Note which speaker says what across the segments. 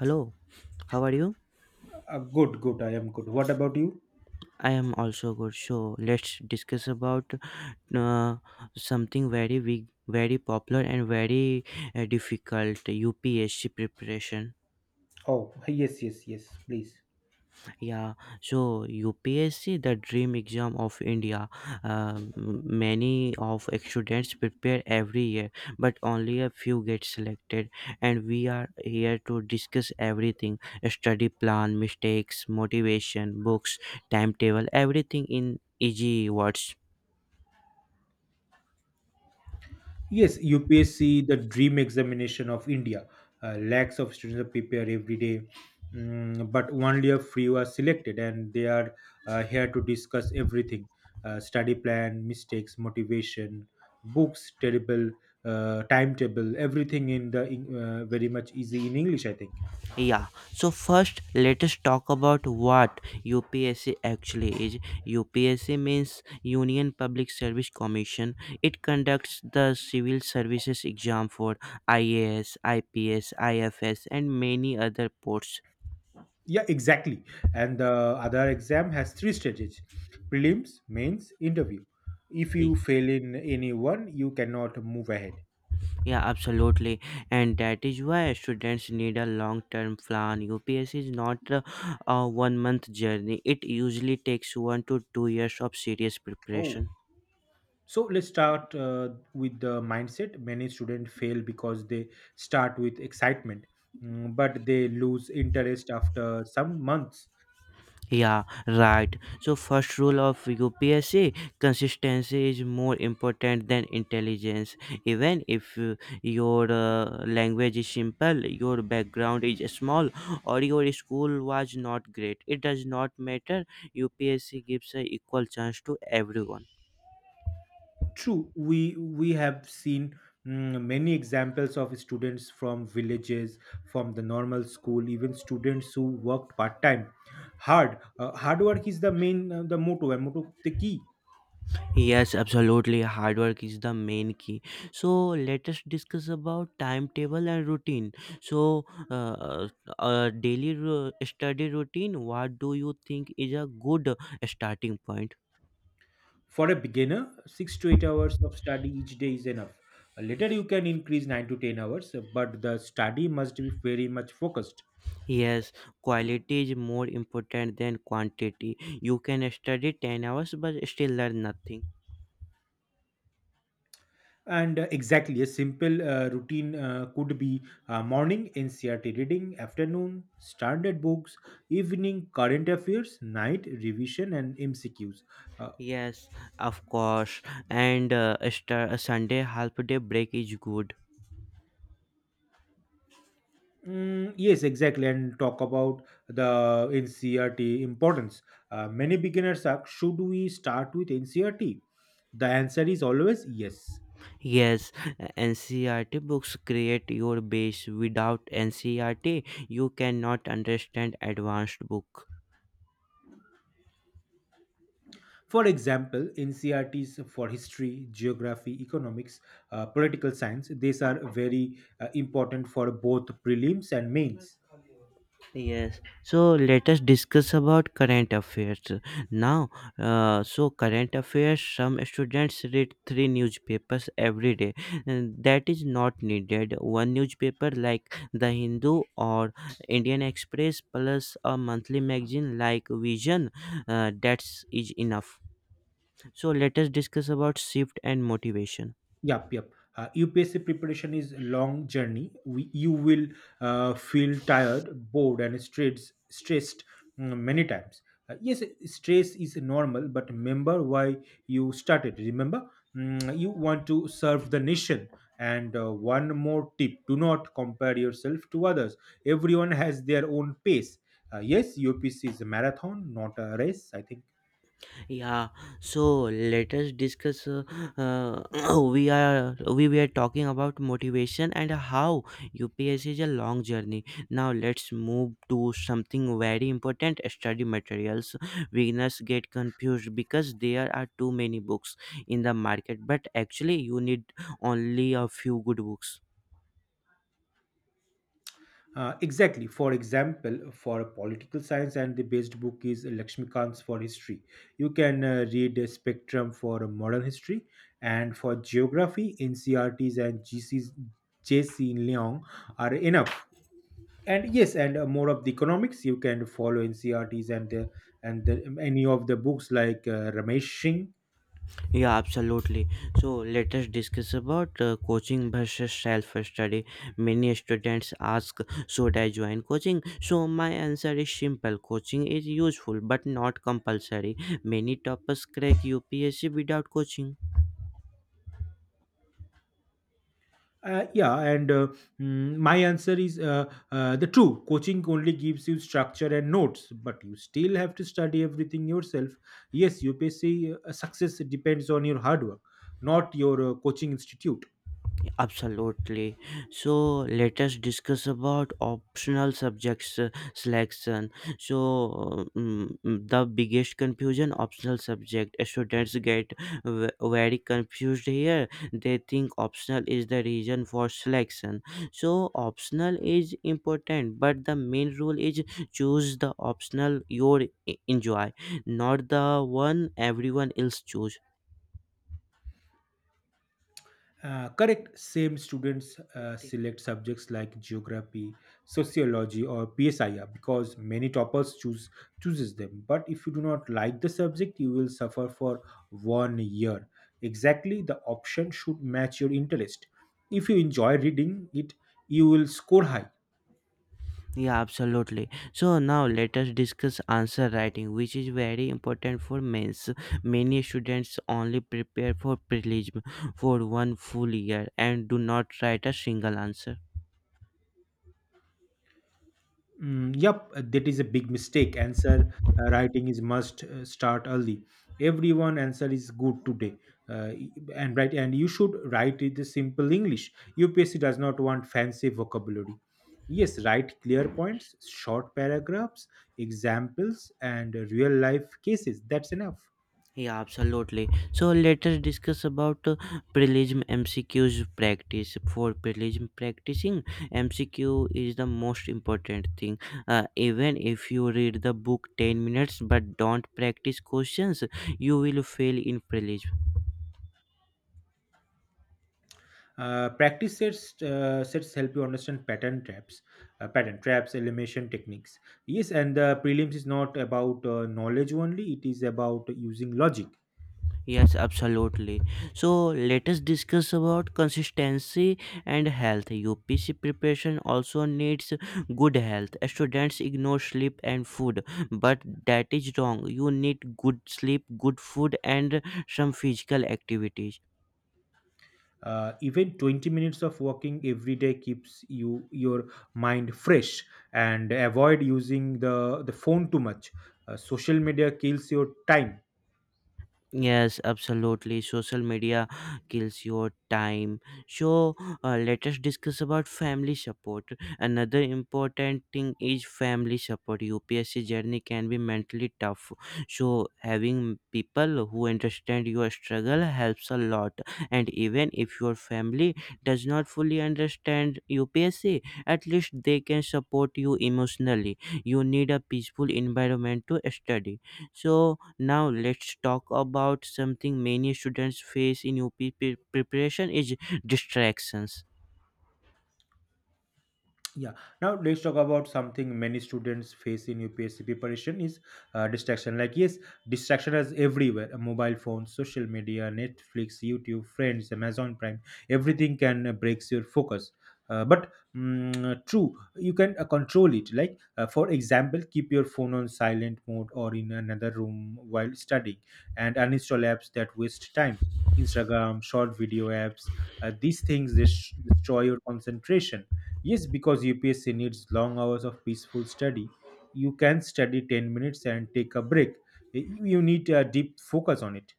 Speaker 1: Hello, how are you?
Speaker 2: Good, good. I am good. What about you?
Speaker 1: I am also good. So let's discuss about uh, something very big, very popular, and very difficult UPSC preparation.
Speaker 2: Oh, yes, yes, yes. Please.
Speaker 1: Yeah, so UPSC, the dream exam of India, many of students prepare every year, but only a few get selected. And we are here to discuss everything: study plan, mistakes, motivation, books, timetable, everything in easy words.
Speaker 2: Yes, UPSC, the dream examination of India. Lakhs of students prepare every day, but only a few are selected, and they are here to discuss everything: study plan, mistakes, motivation, books, terrible timetable, everything in very much easy in English. I think.
Speaker 1: Yeah, so first let us talk about what UPSC actually is. UPSC means Union Public Service Commission. It conducts the civil services exam for IAS, IPS, IFS, and many other posts.
Speaker 2: Yeah, exactly. And the other exam has three stages: prelims, mains, interview. If
Speaker 1: Ye-
Speaker 2: you fail in any one, you cannot move ahead.
Speaker 1: Yeah, absolutely, and that is why students need a long term plan. UPSC is not a one month journey. It usually takes one to two years of serious
Speaker 2: Oh,
Speaker 1: preparation.
Speaker 2: so let's start with the mindset. Many students fail because they start with excitement, but they lose interest after some months.
Speaker 1: Yeah, right. So first rule of UPSC consistency is more important than intelligence. Even if your language is simple, your background is small or your school was not great, it does not matter. UPSC gives an equal chance to everyone.
Speaker 2: True, we have seen many examples of students from villages, from the normal school, even students who worked part time. Hard work is the main the motto and motto the key
Speaker 1: Yes, absolutely. Hard work is the main key. So let us discuss about timetable and routine. So, uh, daily study routine. What do you think is a good starting point?
Speaker 2: for a beginner. 6 to 8 hours of study each day is enough. Later, you can increase 9 to 10 hours, but the study must be very much focused.
Speaker 1: Yes, quality is more important than quantity. You can study 10 hours but still learn nothing.
Speaker 2: And exactly, a simple routine could be morning NCRT reading, afternoon standard books, evening current affairs, night revision, and MCQs. Uh,
Speaker 1: Yes, of course. And a Sunday half day break is good.
Speaker 2: mm, yes, exactly. And talk about the NCRT importance. Many beginners ask, should we start with NCRT? The answer is always yes.
Speaker 1: Yes, NCRT books create your base. Without NCRT, you cannot understand advanced book.
Speaker 2: For example, NCRTs for history, geography, economics, political science, these are very important for both prelims and mains.
Speaker 1: Yes, so let us discuss about current affairs now. So current affairs, some students read three newspapers every day, and that is not needed. One newspaper like the Hindu or Indian Express plus a monthly magazine like Vision, that's is enough. So let us discuss about shift and motivation.
Speaker 2: Yep, yep. UPSC preparation is a long journey. You will feel tired, bored, and stressed, many times. Yes, stress is normal, but remember why you started. Remember, you want to serve the nation. And one more tip, do not compare yourself to others. Everyone has their own pace. Yes, UPSC is a marathon, not a race, I think.
Speaker 1: Yeah, so let us discuss. Uh, we were talking about motivation and how UPS is a long journey. Now let's move to something very important: study materials. Beginners get confused because there are too many books in the market, but actually you need only a few good books.
Speaker 2: Exactly. For example, for a political science, and the best book is Lakshmikant's for history. You can read Spectrum for modern history, and for geography, NCRTs and GCs, JC Leong are enough. And yes, and more of the economics, you can follow NCRTs and the any of the books like Ramesh Singh.
Speaker 1: Yeah, absolutely. So let us discuss about coaching versus self-study. Many students ask, "Should I join coaching?" So my answer is simple: coaching is useful but not compulsory. Many toppers crack UPSC without coaching.
Speaker 2: Yeah, and my answer is the true. Coaching only gives you structure and notes, but you still have to study everything yourself. Yes, UPSC success depends on your hard work, not your coaching institute.
Speaker 1: Absolutely. So let us discuss about optional subjects selection. So the biggest confusion optional subject students get very confused here. They think optional is the reason for selection. So optional is important, but the main rule is choose the optional you enjoy, not the one everyone else choose.
Speaker 2: Correct. Same students select subjects like geography, sociology, or PSIR because many toppers chooses them. But if you do not like the subject, you will suffer for one year. Exactly, the option should match your interest. If you enjoy reading it, you will score high.
Speaker 1: Yeah, absolutely. So now let us discuss answer writing, which is very important for mains. Many students only prepare for prelim for one full year and do not write a single answer.
Speaker 2: Mm, yep, that is a big mistake. Answer writing is must start early. Everyone answer is good today, and right, and you should write it in simple English. UPSC does not want fancy vocabulary. Yes, write clear points, short paragraphs, examples, and real life cases. That's enough.
Speaker 1: Yeah, absolutely. So let us discuss about prelim MCQ's practice. For prelim practicing, MCQ is the most important thing. Even if you read the book 10 minutes but don't practice questions, you will fail in prelim.
Speaker 2: Practice sets help you understand pattern traps, elimination techniques. Yes, and the prelims is not about knowledge only; it is about using logic.
Speaker 1: Yes, absolutely. So let us discuss about consistency and health. UPC preparation also needs good health. Students ignore sleep and food, but that is wrong. You need good sleep, good food, and some physical activities.
Speaker 2: Even 20 minutes of walking every day keeps your mind fresh and avoid using the phone too much. Social media kills your time.
Speaker 1: Yes, absolutely. Social media kills your time. So, let us discuss about family support. Another important thing is family support. UPSC journey can be mentally tough. So, having people who understand your struggle helps a lot. And even if your family does not fully understand UPSC, at least they can support you emotionally. You need a peaceful environment to study. So, now let's talk about something many students face in preparation is distractions.
Speaker 2: Yeah. Now let's talk about something many students face in UPSC preparation is distraction. Like yes, distraction is everywhere. Mobile phones, social media, Netflix, YouTube, friends, Amazon Prime. Everything can breaks your focus. But true, you can control it. Like for example, keep your phone on silent mode or in another room while studying, and uninstall apps that waste time. Instagram, short video apps. These things destroy your concentration. Yes, because UPSC needs long hours of peaceful study. You can study 10 minutes and take a break. You need a deep focus on it.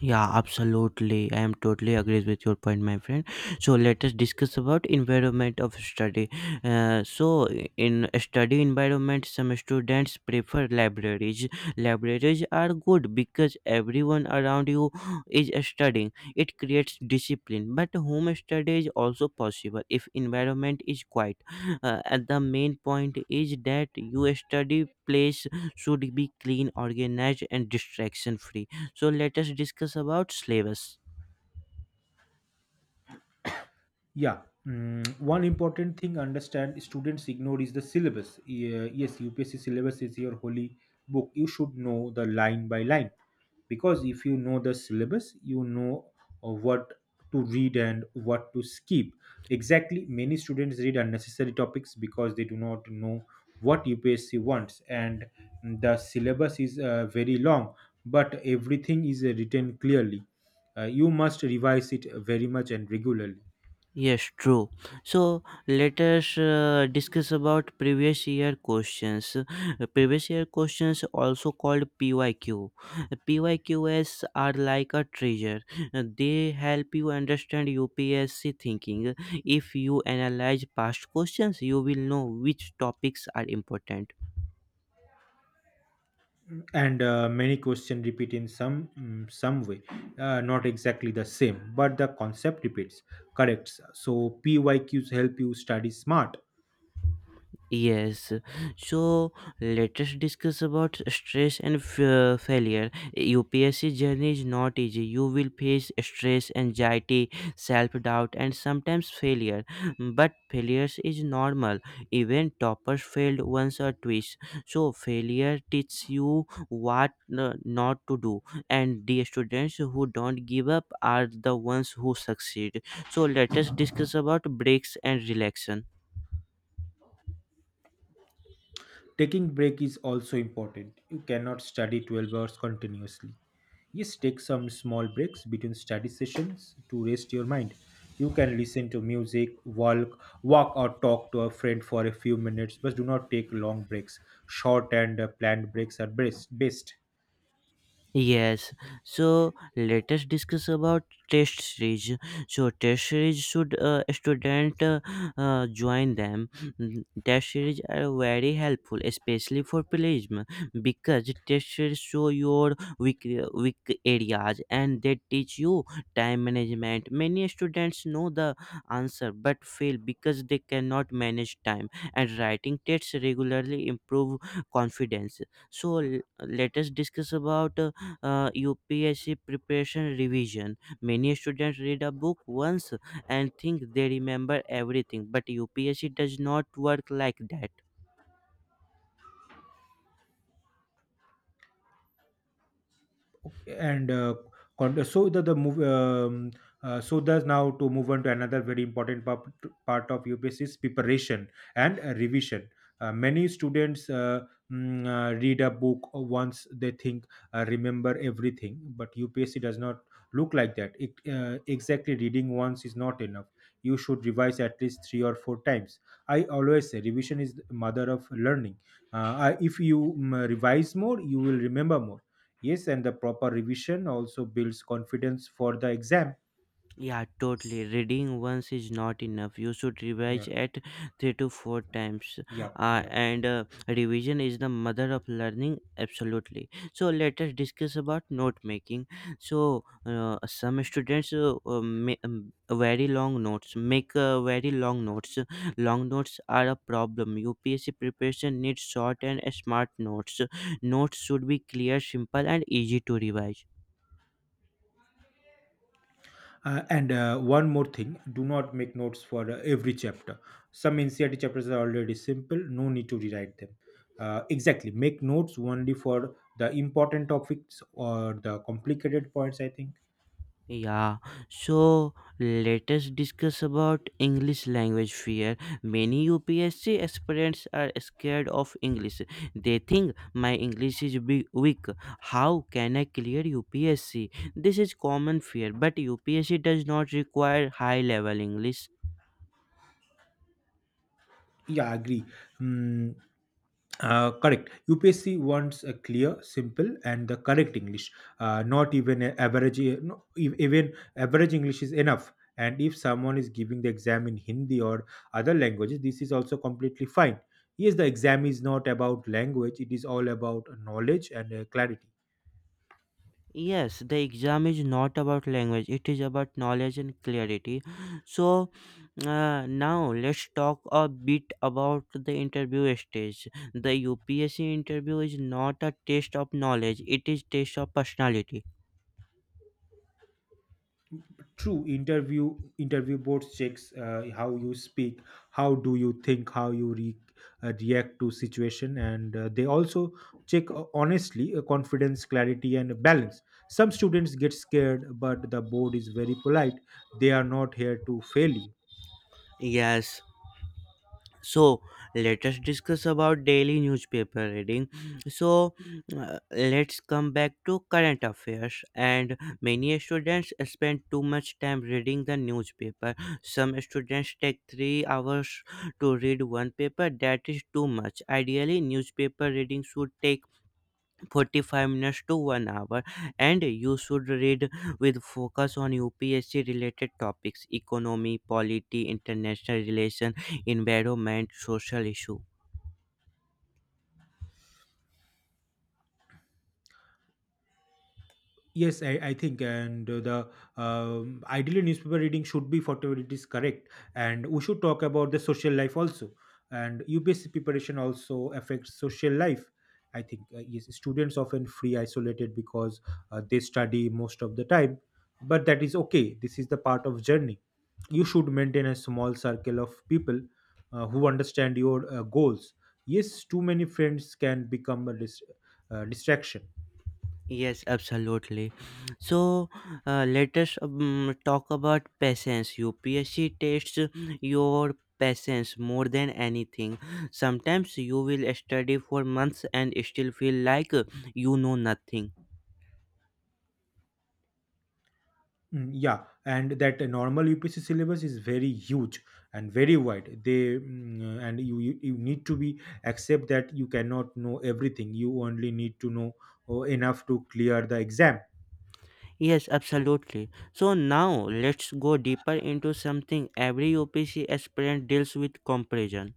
Speaker 1: Yeah, absolutely. I am totally agrees with your point, my friend. So let us discuss about environment of study. So in study environment, some students prefer libraries. Libraries are good because everyone around you is studying. It creates discipline, but home study is also possible if environment is quiet. And the main point is that your study place should be clean, organized, and distraction free. So let us discuss about syllabus.
Speaker 2: Yeah, one important thing understand students ignore is the syllabus. Yeah, yes, UPSC syllabus is your holy book. You should know the line by line because if you know the syllabus, you know what to read and what to skip. Exactly, many students read unnecessary topics because they do not know what UPSC wants, and the syllabus is very long, but everything is written clearly. You must revise it very much and regularly.
Speaker 1: Yes, true. So let us discuss about previous year questions. Previous year questions, also called PYQ. PYQs are like a treasure. They help you understand UPSC thinking. If you analyze past questions, you will know which topics are important.
Speaker 2: And many questions repeat in some way, not exactly the same but the concept repeats. Correct, so PYQs help you study smart.
Speaker 1: Yes, so let us discuss about stress and failure. UPSC journey is not easy. You will face stress, anxiety, self doubt, and sometimes failure. But failures is normal. Even toppers failed once or twice. So failure teaches you what not to do. And the students who don't give up are the ones who succeed. So let us discuss about breaks and relaxation.
Speaker 2: Taking break is also important. You cannot study 12 hours continuously. Yes, take some small breaks between study sessions to rest your mind. You can listen to music, walk or talk to a friend for a few minutes, but do not take long breaks. Short and planned breaks are best.
Speaker 1: Yes, so let us discuss about test series. So test series should student join them. Test series are very helpful, especially for plagiarism, because test series show your weak areas and they teach you time management. Many students know the answer but fail because they cannot manage time. And writing tests regularly improve confidence. So let us discuss about UPSC preparation revision. Many students read a book once and think they remember everything, but UPSC does not work like that.
Speaker 2: and uh, so the move so thus now to move on to another very important part of UPSC is preparation and revision. Many students read a book once they think remember everything, but UPSC does not look like that. Exactly, reading once is not enough. You should revise at least three or four times. I always say revision is the mother of learning. If you revise more, you will remember more. Yes, and the proper revision also builds confidence for the exam.
Speaker 1: Yeah, totally. Reading once is not enough. You should revise
Speaker 2: Yeah,
Speaker 1: at three to four times.
Speaker 2: yeah,
Speaker 1: Uh,
Speaker 2: yeah.
Speaker 1: and uh, revision is the mother of learning, absolutely. So let us discuss about note making. So some students very long notes, make very long notes. Long notes are a problem. UPSC preparation needs short and smart notes. Notes should be clear, simple, and easy to revise.
Speaker 2: And one more thing, do not make notes for every chapter. Some NCRT chapters are already simple, no need to rewrite them. Exactly, make notes only for the important topics or the complicated points, I think.
Speaker 1: Yeah, so let us discuss about English language fear. Many UPSC aspirants are scared of English. They think my English is big, weak. How can I clear UPSC? This is common fear, but UPSC does not require high level English.
Speaker 2: Yeah, I agree. Hmm, Correct. UPSC wants a clear, simple, and the correct English. Not even no, even average English is enough. And if someone is giving the exam in Hindi or other languages, this is also completely fine. Yes, the exam is not about language; it is all about knowledge and clarity.
Speaker 1: Yes, the exam is not about language, it is about knowledge and clarity. So, now let's talk a bit about the interview stage. The UPSC interview is not a test of knowledge; it is test of personality.
Speaker 2: True, interview boards checks how you speak, how do you think, how you react to situation, and they also check honestly confidence, clarity, and balance. Some students get scared, but the board is very polite. They are not here to fail you.
Speaker 1: Yes. So let us discuss about daily newspaper reading. So let's come back to current affairs. And many students spend too much time reading the newspaper. Some students take 3 hours to read one paper. That is too much. Ideally, newspaper reading should take 45 minutes to 1 hour, and you should read with focus on UPSC related topics: economy, polity, international relation, environment, social issue.
Speaker 2: Yes, I think, and the ideally newspaper reading should be whatever it is correct, and we should talk about the social life also, and UPSC preparation also affects social life. I think, yes, students often free isolated because they study most of the time, but that is okay. This is the part of journey. You should maintain a small circle of people who understand your goals. Yes, too many friends can become a distraction.
Speaker 1: Yes, absolutely. So let us talk about patience. UPSC tests your patience more than anything. Sometimes you will study for months and still feel like you know nothing.
Speaker 2: Mm, yeah, and that normal UPC syllabus is very huge and very wide. They mm, and you need to be accept that you cannot know everything. You only need to know enough to clear the exam.
Speaker 1: Yes, absolutely. So now let's go deeper into something every UPC aspirant deals with comparison.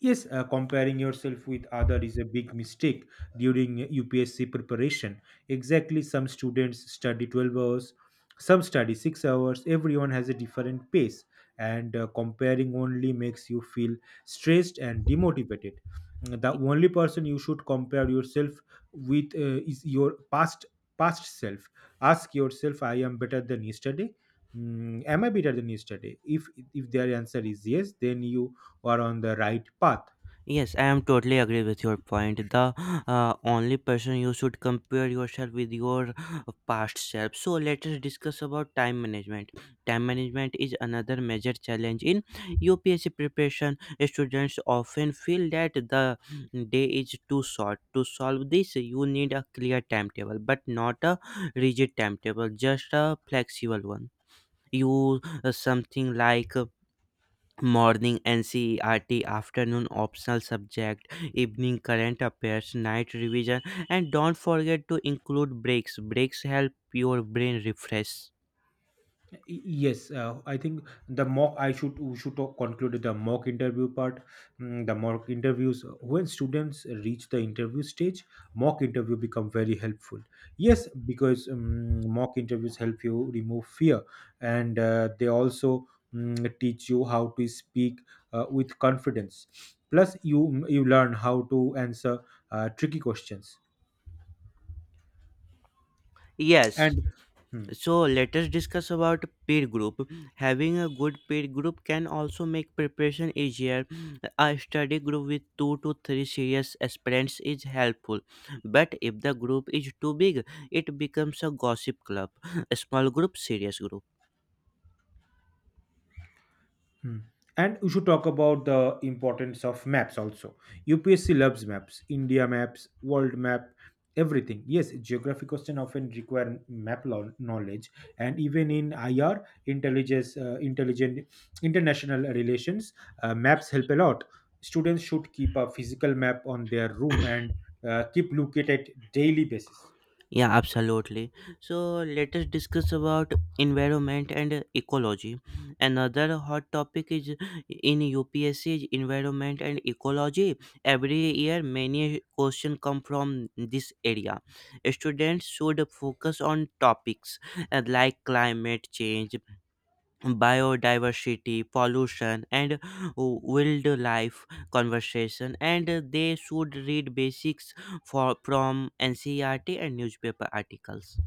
Speaker 2: Yes, comparing yourself with other is a big mistake during UPSC preparation. Exactly, some students study 12 hours, some study 6 hours. Everyone has a different pace, and comparing only makes you feel stressed and demotivated. The only person you should compare yourself with is your past self. Ask yourself, I am better than yesterday. Am I better than yesterday? If their answer is yes, then you or on the right path.
Speaker 1: Yes, I am totally agree with your point. The only person you should compare yourself with your past self. So let us discuss about time management. Time management is another major challenge in UPSC preparation. Students often feel that the day is too short. To solve this, you need a clear timetable, but not a rigid timetable, just a flexible one. You something like morning ncert, afternoon optional subject, evening current affairs, night revision. And don't forget to include breaks. Breaks help your brain refresh.
Speaker 2: Yes, I think, the mock I should we should talk- conclude the mock interview part. The mock interviews when students reach the interview stage, mock interview become very helpful. Yes, because mock interviews help you remove fear, and they also teach you how to speak with confidence. Plus, you learn how to answer tricky questions
Speaker 1: Yes.
Speaker 2: and. Hmm,
Speaker 1: So let us discuss about peer group. Having a good peer group can also make preparation easier. A study group with two to three serious aspirants is helpful, but if the group is too big, it becomes a gossip club. A small group, serious group.
Speaker 2: Hmm. And we should talk about the importance of maps also. UPSC loves maps, India maps, world map, everything. Yes, geography question often require map knowledge, and even in IR, intelligent international relations, maps help a lot. Students should keep a physical map on their room and keep look at it daily basis.
Speaker 1: Yeah, absolutely. So let us discuss about environment and ecology. Another hot topic is in UPSC is environment and ecology. Every year, many questions come from this area. Students should focus on topics like climate change, biodiversity, pollution, and wildlife conservation, and they should read basics for from NCERT and newspaper articles.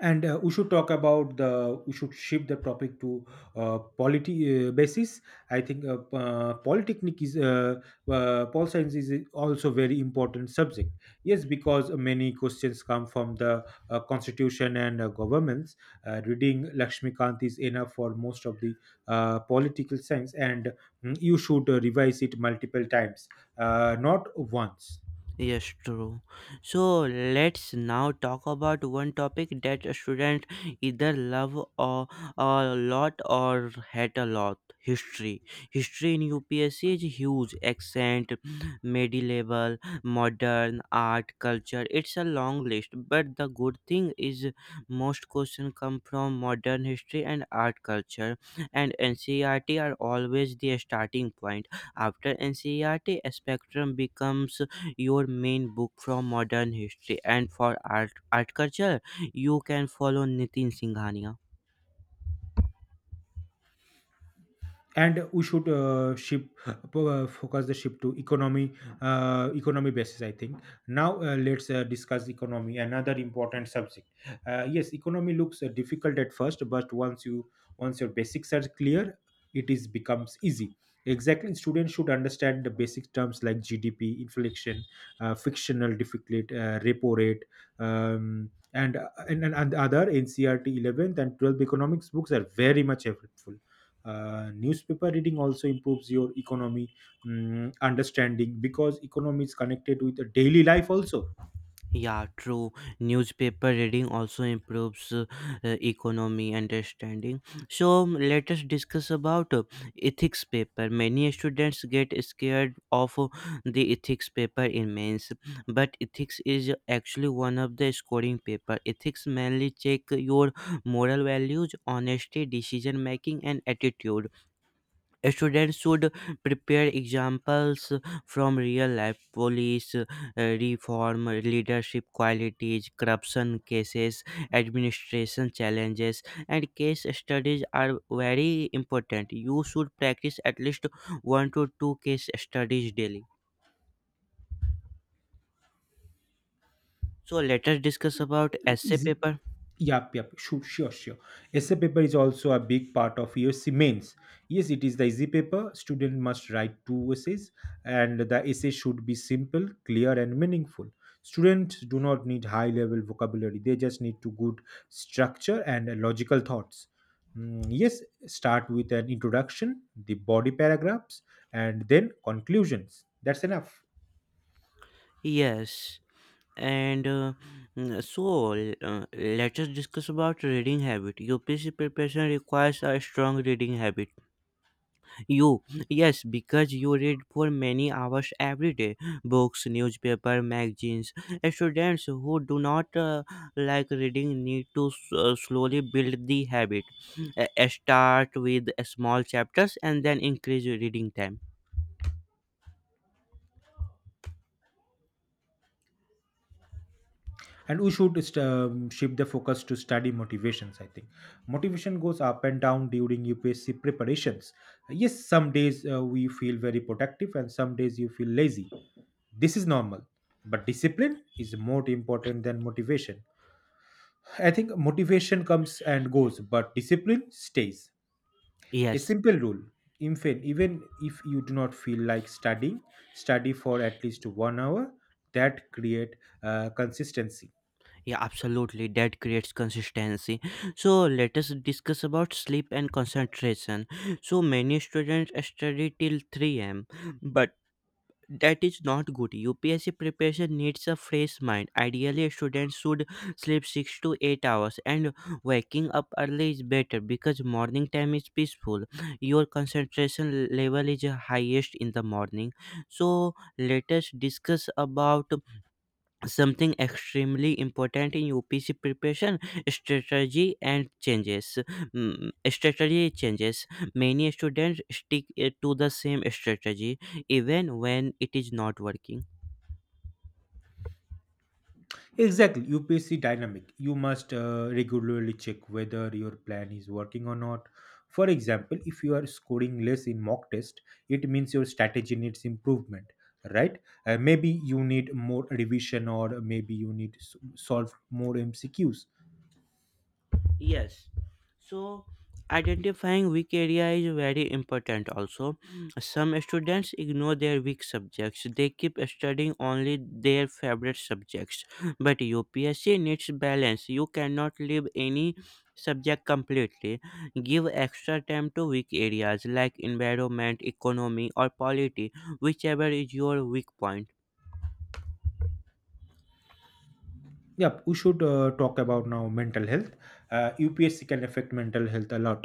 Speaker 2: And We should talk about the we should shift the topic to polity basis, I think. Polytechnic is pol science is also very important subject. Yes, because many questions come from the constitution and governments. Reading lakshmikant is enough for most of the political science. And you should revise it multiple times, not once.
Speaker 1: Yes, true. So let's now talk about one topic that students either love or a lot or hate a lot. History. History in UPSC is huge. Accent, medieval, modern, art, culture. It's a long list. But the good thing is most questions come from modern history and art culture. And NCERT are always the starting point. After NCERT, spectrum becomes your main book from modern history, and for art culture you can follow Nitin Singhania.
Speaker 2: And we should shift focus the shift to economy, economy basis, I think. Now let's discuss economy, another important subject. Yes, economy looks difficult at first, but once your basics are clear, it is becomes easy. Exactly, students should understand the basic terms like gdp, inflation, frictional deficit, repo rate. And other ncrt 11th and 12th economics books are very much helpful. Newspaper reading also improves your economy understanding, because economy is connected with the daily life also.
Speaker 1: Yeah, true. Newspaper reading also improves economy understanding. So, let us discuss about ethics paper. Many students get scared of the ethics paper in mains, but ethics is actually one of the scoring paper. Ethics mainly check your moral values, honesty, decision making, and attitude. Students should prepare examples from real life police reform, leadership qualities, corruption cases, administration challenges, and case studies are very important. You should practice at least one to two case studies daily. So let us discuss about essay
Speaker 2: Is
Speaker 1: paper.
Speaker 2: Yep, yep, sure, sure, sure. Essay paper is also a big part of USC mains. Yes, it is the easy paper. Student must write two essays, and the essay should be simple, clear, and meaningful. Students do not need high-level vocabulary; they just need to good structure and logical thoughts. Mm, yes, start with an introduction, the body paragraphs, and then conclusions. That's enough.
Speaker 1: Yes, and so let us discuss about reading habit. UPSC preparation requires a strong reading habit. You, yes, because you read for many hours every day: books, newspaper, magazines. Students who do not like reading need to slowly build the habit. Start with small chapters and then increase your reading time.
Speaker 2: And we should shift the focus to study motivations, I think. Motivation goes up and down during upsc preparations. Yes, some days we feel very productive, and some days you feel lazy. This is normal, but discipline is more important than motivation. I think motivation comes and goes, but discipline stays. A
Speaker 1: Yes.
Speaker 2: simple rule: infant even if you do not feel like studying, study for at least 1 hour. That create consistency.
Speaker 1: Yeah, absolutely. That creates consistency. So let us discuss about sleep and concentration. So many students study till 3 a.m., but that is not good. UPSC preparation needs a fresh mind. Ideally students should sleep 6 to 8 hours, and waking up early is better because morning time is peaceful. Your concentration level is highest in the morning. So let us discuss about something extremely important in UPC preparation: strategy and changes. Strategy changes. Many students stick to the same strategy even when it is not working.
Speaker 2: Exactly, UPC dynamic. You must regularly check whether your plan is working or not. For example, if you are scoring less in mock test, it means your strategy needs improvement, right? Maybe you need more revision, or maybe you need to solve more MCQs.
Speaker 1: Yes. So identifying weak area is very important also. Mm. Some students ignore their weak subjects. They keep studying only their favorite subjects. But UPSC needs balance. You cannot leave any subject completely. Give extra time to weak areas like environment, economy or polity, whichever is your weak point.
Speaker 2: Yep, we should talk about now mental health. UPSC can affect mental health a lot.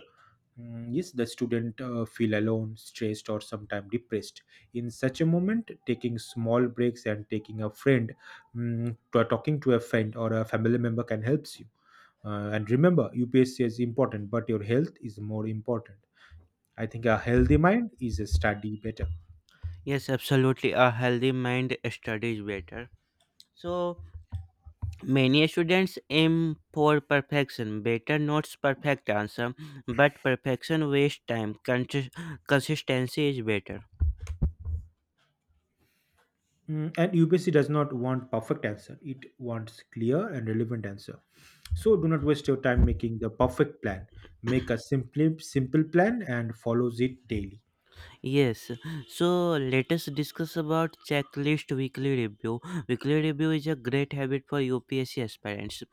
Speaker 2: Mm, yes, the student feel alone, stressed, or sometimes depressed. In such a moment, taking small breaks and taking a friend, talking to a friend or a family member can help you. And remember, UPSC is important, but your health is more important. I think a healthy mind is a study better.
Speaker 1: Yes, absolutely. A healthy mind studies better. So many students aim for perfection, better notes, perfect answer, but perfection wastes time. Consistency is better.
Speaker 2: Mm, and UPSC does not want perfect answer. It wants clear and relevant answer. So do not waste your time making the perfect plan. Make a simple plan and follows it daily.
Speaker 1: Yes, so let us discuss about checklist weekly review. Weekly review is a great habit for UPSC aspirants.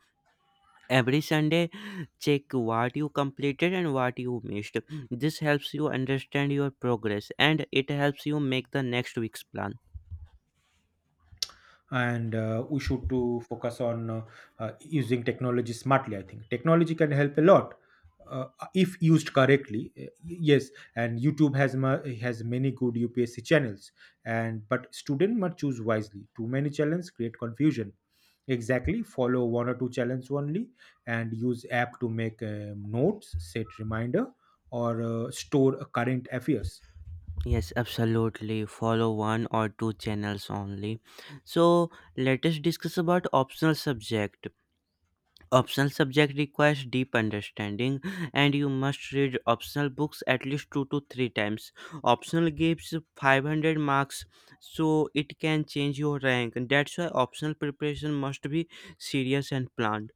Speaker 1: Every Sunday, check what you completed and what you missed. This helps you understand your progress, and it helps you make the next week's plan.
Speaker 2: And We should to focus on using technology smartly, I think. Technology can help a lot, uh, if used correctly. Yes, and youtube has many good upsc channels. And but student must choose wisely, too many channels create confusion. Exactly, follow one or two channels only, and use app to make notes, set reminder, or store current affairs.
Speaker 1: Yes, absolutely. Follow one or two channels only. So let us discuss about optional subject. Optional subject requires deep understanding, and you must read optional books at least two to three times. Optional gives 500 marks, so it can change your rank. That's why optional preparation must be serious and planned.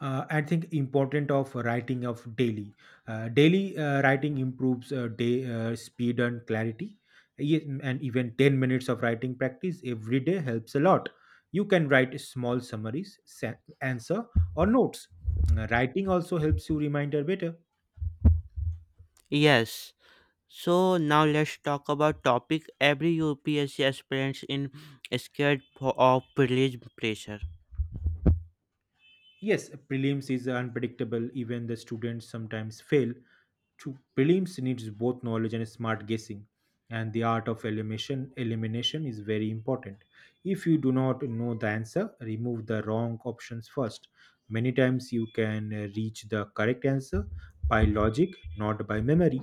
Speaker 2: I think important of writing of daily writing improves day speed and clarity. And even 10 minutes of writing practice every day helps a lot. You can write small summaries, answer, or notes. Writing also helps you remember better.
Speaker 1: Yes. So now let's talk about topic every UPSC aspirants in scared for, of police pressure.
Speaker 2: Yes, prelims is unpredictable. Even the students sometimes fail. To prelims needs both knowledge and smart guessing, and the art of elimination is very important. If you do not know the answer, remove the wrong options first. Many times you can reach the correct answer by logic, not by memory.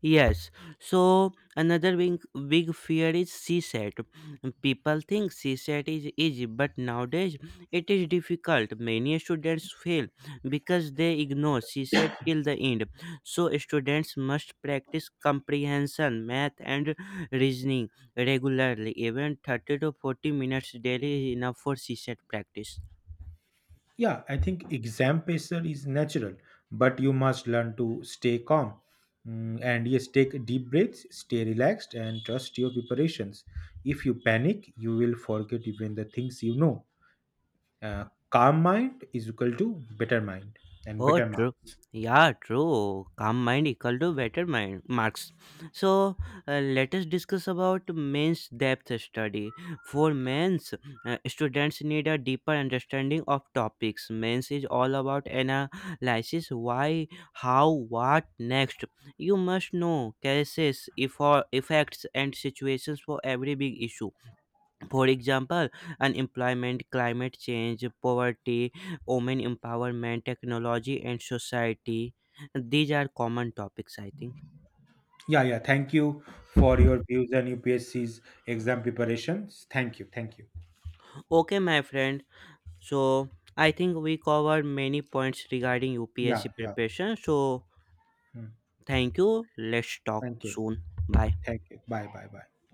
Speaker 1: Yes. So another big, big fear is CSAT. People think CSAT is easy, but nowadays it is difficult. Many students fail because they ignore CSAT till the end. So students must practice comprehension, math, and reasoning regularly. Even 30 to 40 minutes daily is enough for CSAT practice.
Speaker 2: Yeah, I think exam pressure is natural, but you must learn to stay calm. Mm, and yes, take deep breaths, stay relaxed, and trust your preparations. If you panic, you will forget even the things you know. Calm mind is equal to better mind and
Speaker 1: Oh,
Speaker 2: better
Speaker 1: true.
Speaker 2: marks.
Speaker 1: Yeah, true. Calm mind equal to better mind marks. So let us discuss about men's depth study. For men's, students need a deeper understanding of topics. Men's is all about analysis: why, how, what, next. You must know cases, effects, and situations for every big issue. For example, unemployment, climate change, poverty, women empowerment, technology, and society. These are common topics, I think.
Speaker 2: Yeah, yeah. Thank you for your views on UPSC's exam preparations. Thank you. Thank you.
Speaker 1: Okay, my friend. So, I think we covered many points regarding
Speaker 2: Yeah,
Speaker 1: UPSC
Speaker 2: yeah.
Speaker 1: preparation. So,
Speaker 2: Mm,
Speaker 1: thank you. Let's talk
Speaker 2: thank you.
Speaker 1: soon. Bye.
Speaker 2: Thank you. Bye, bye, bye.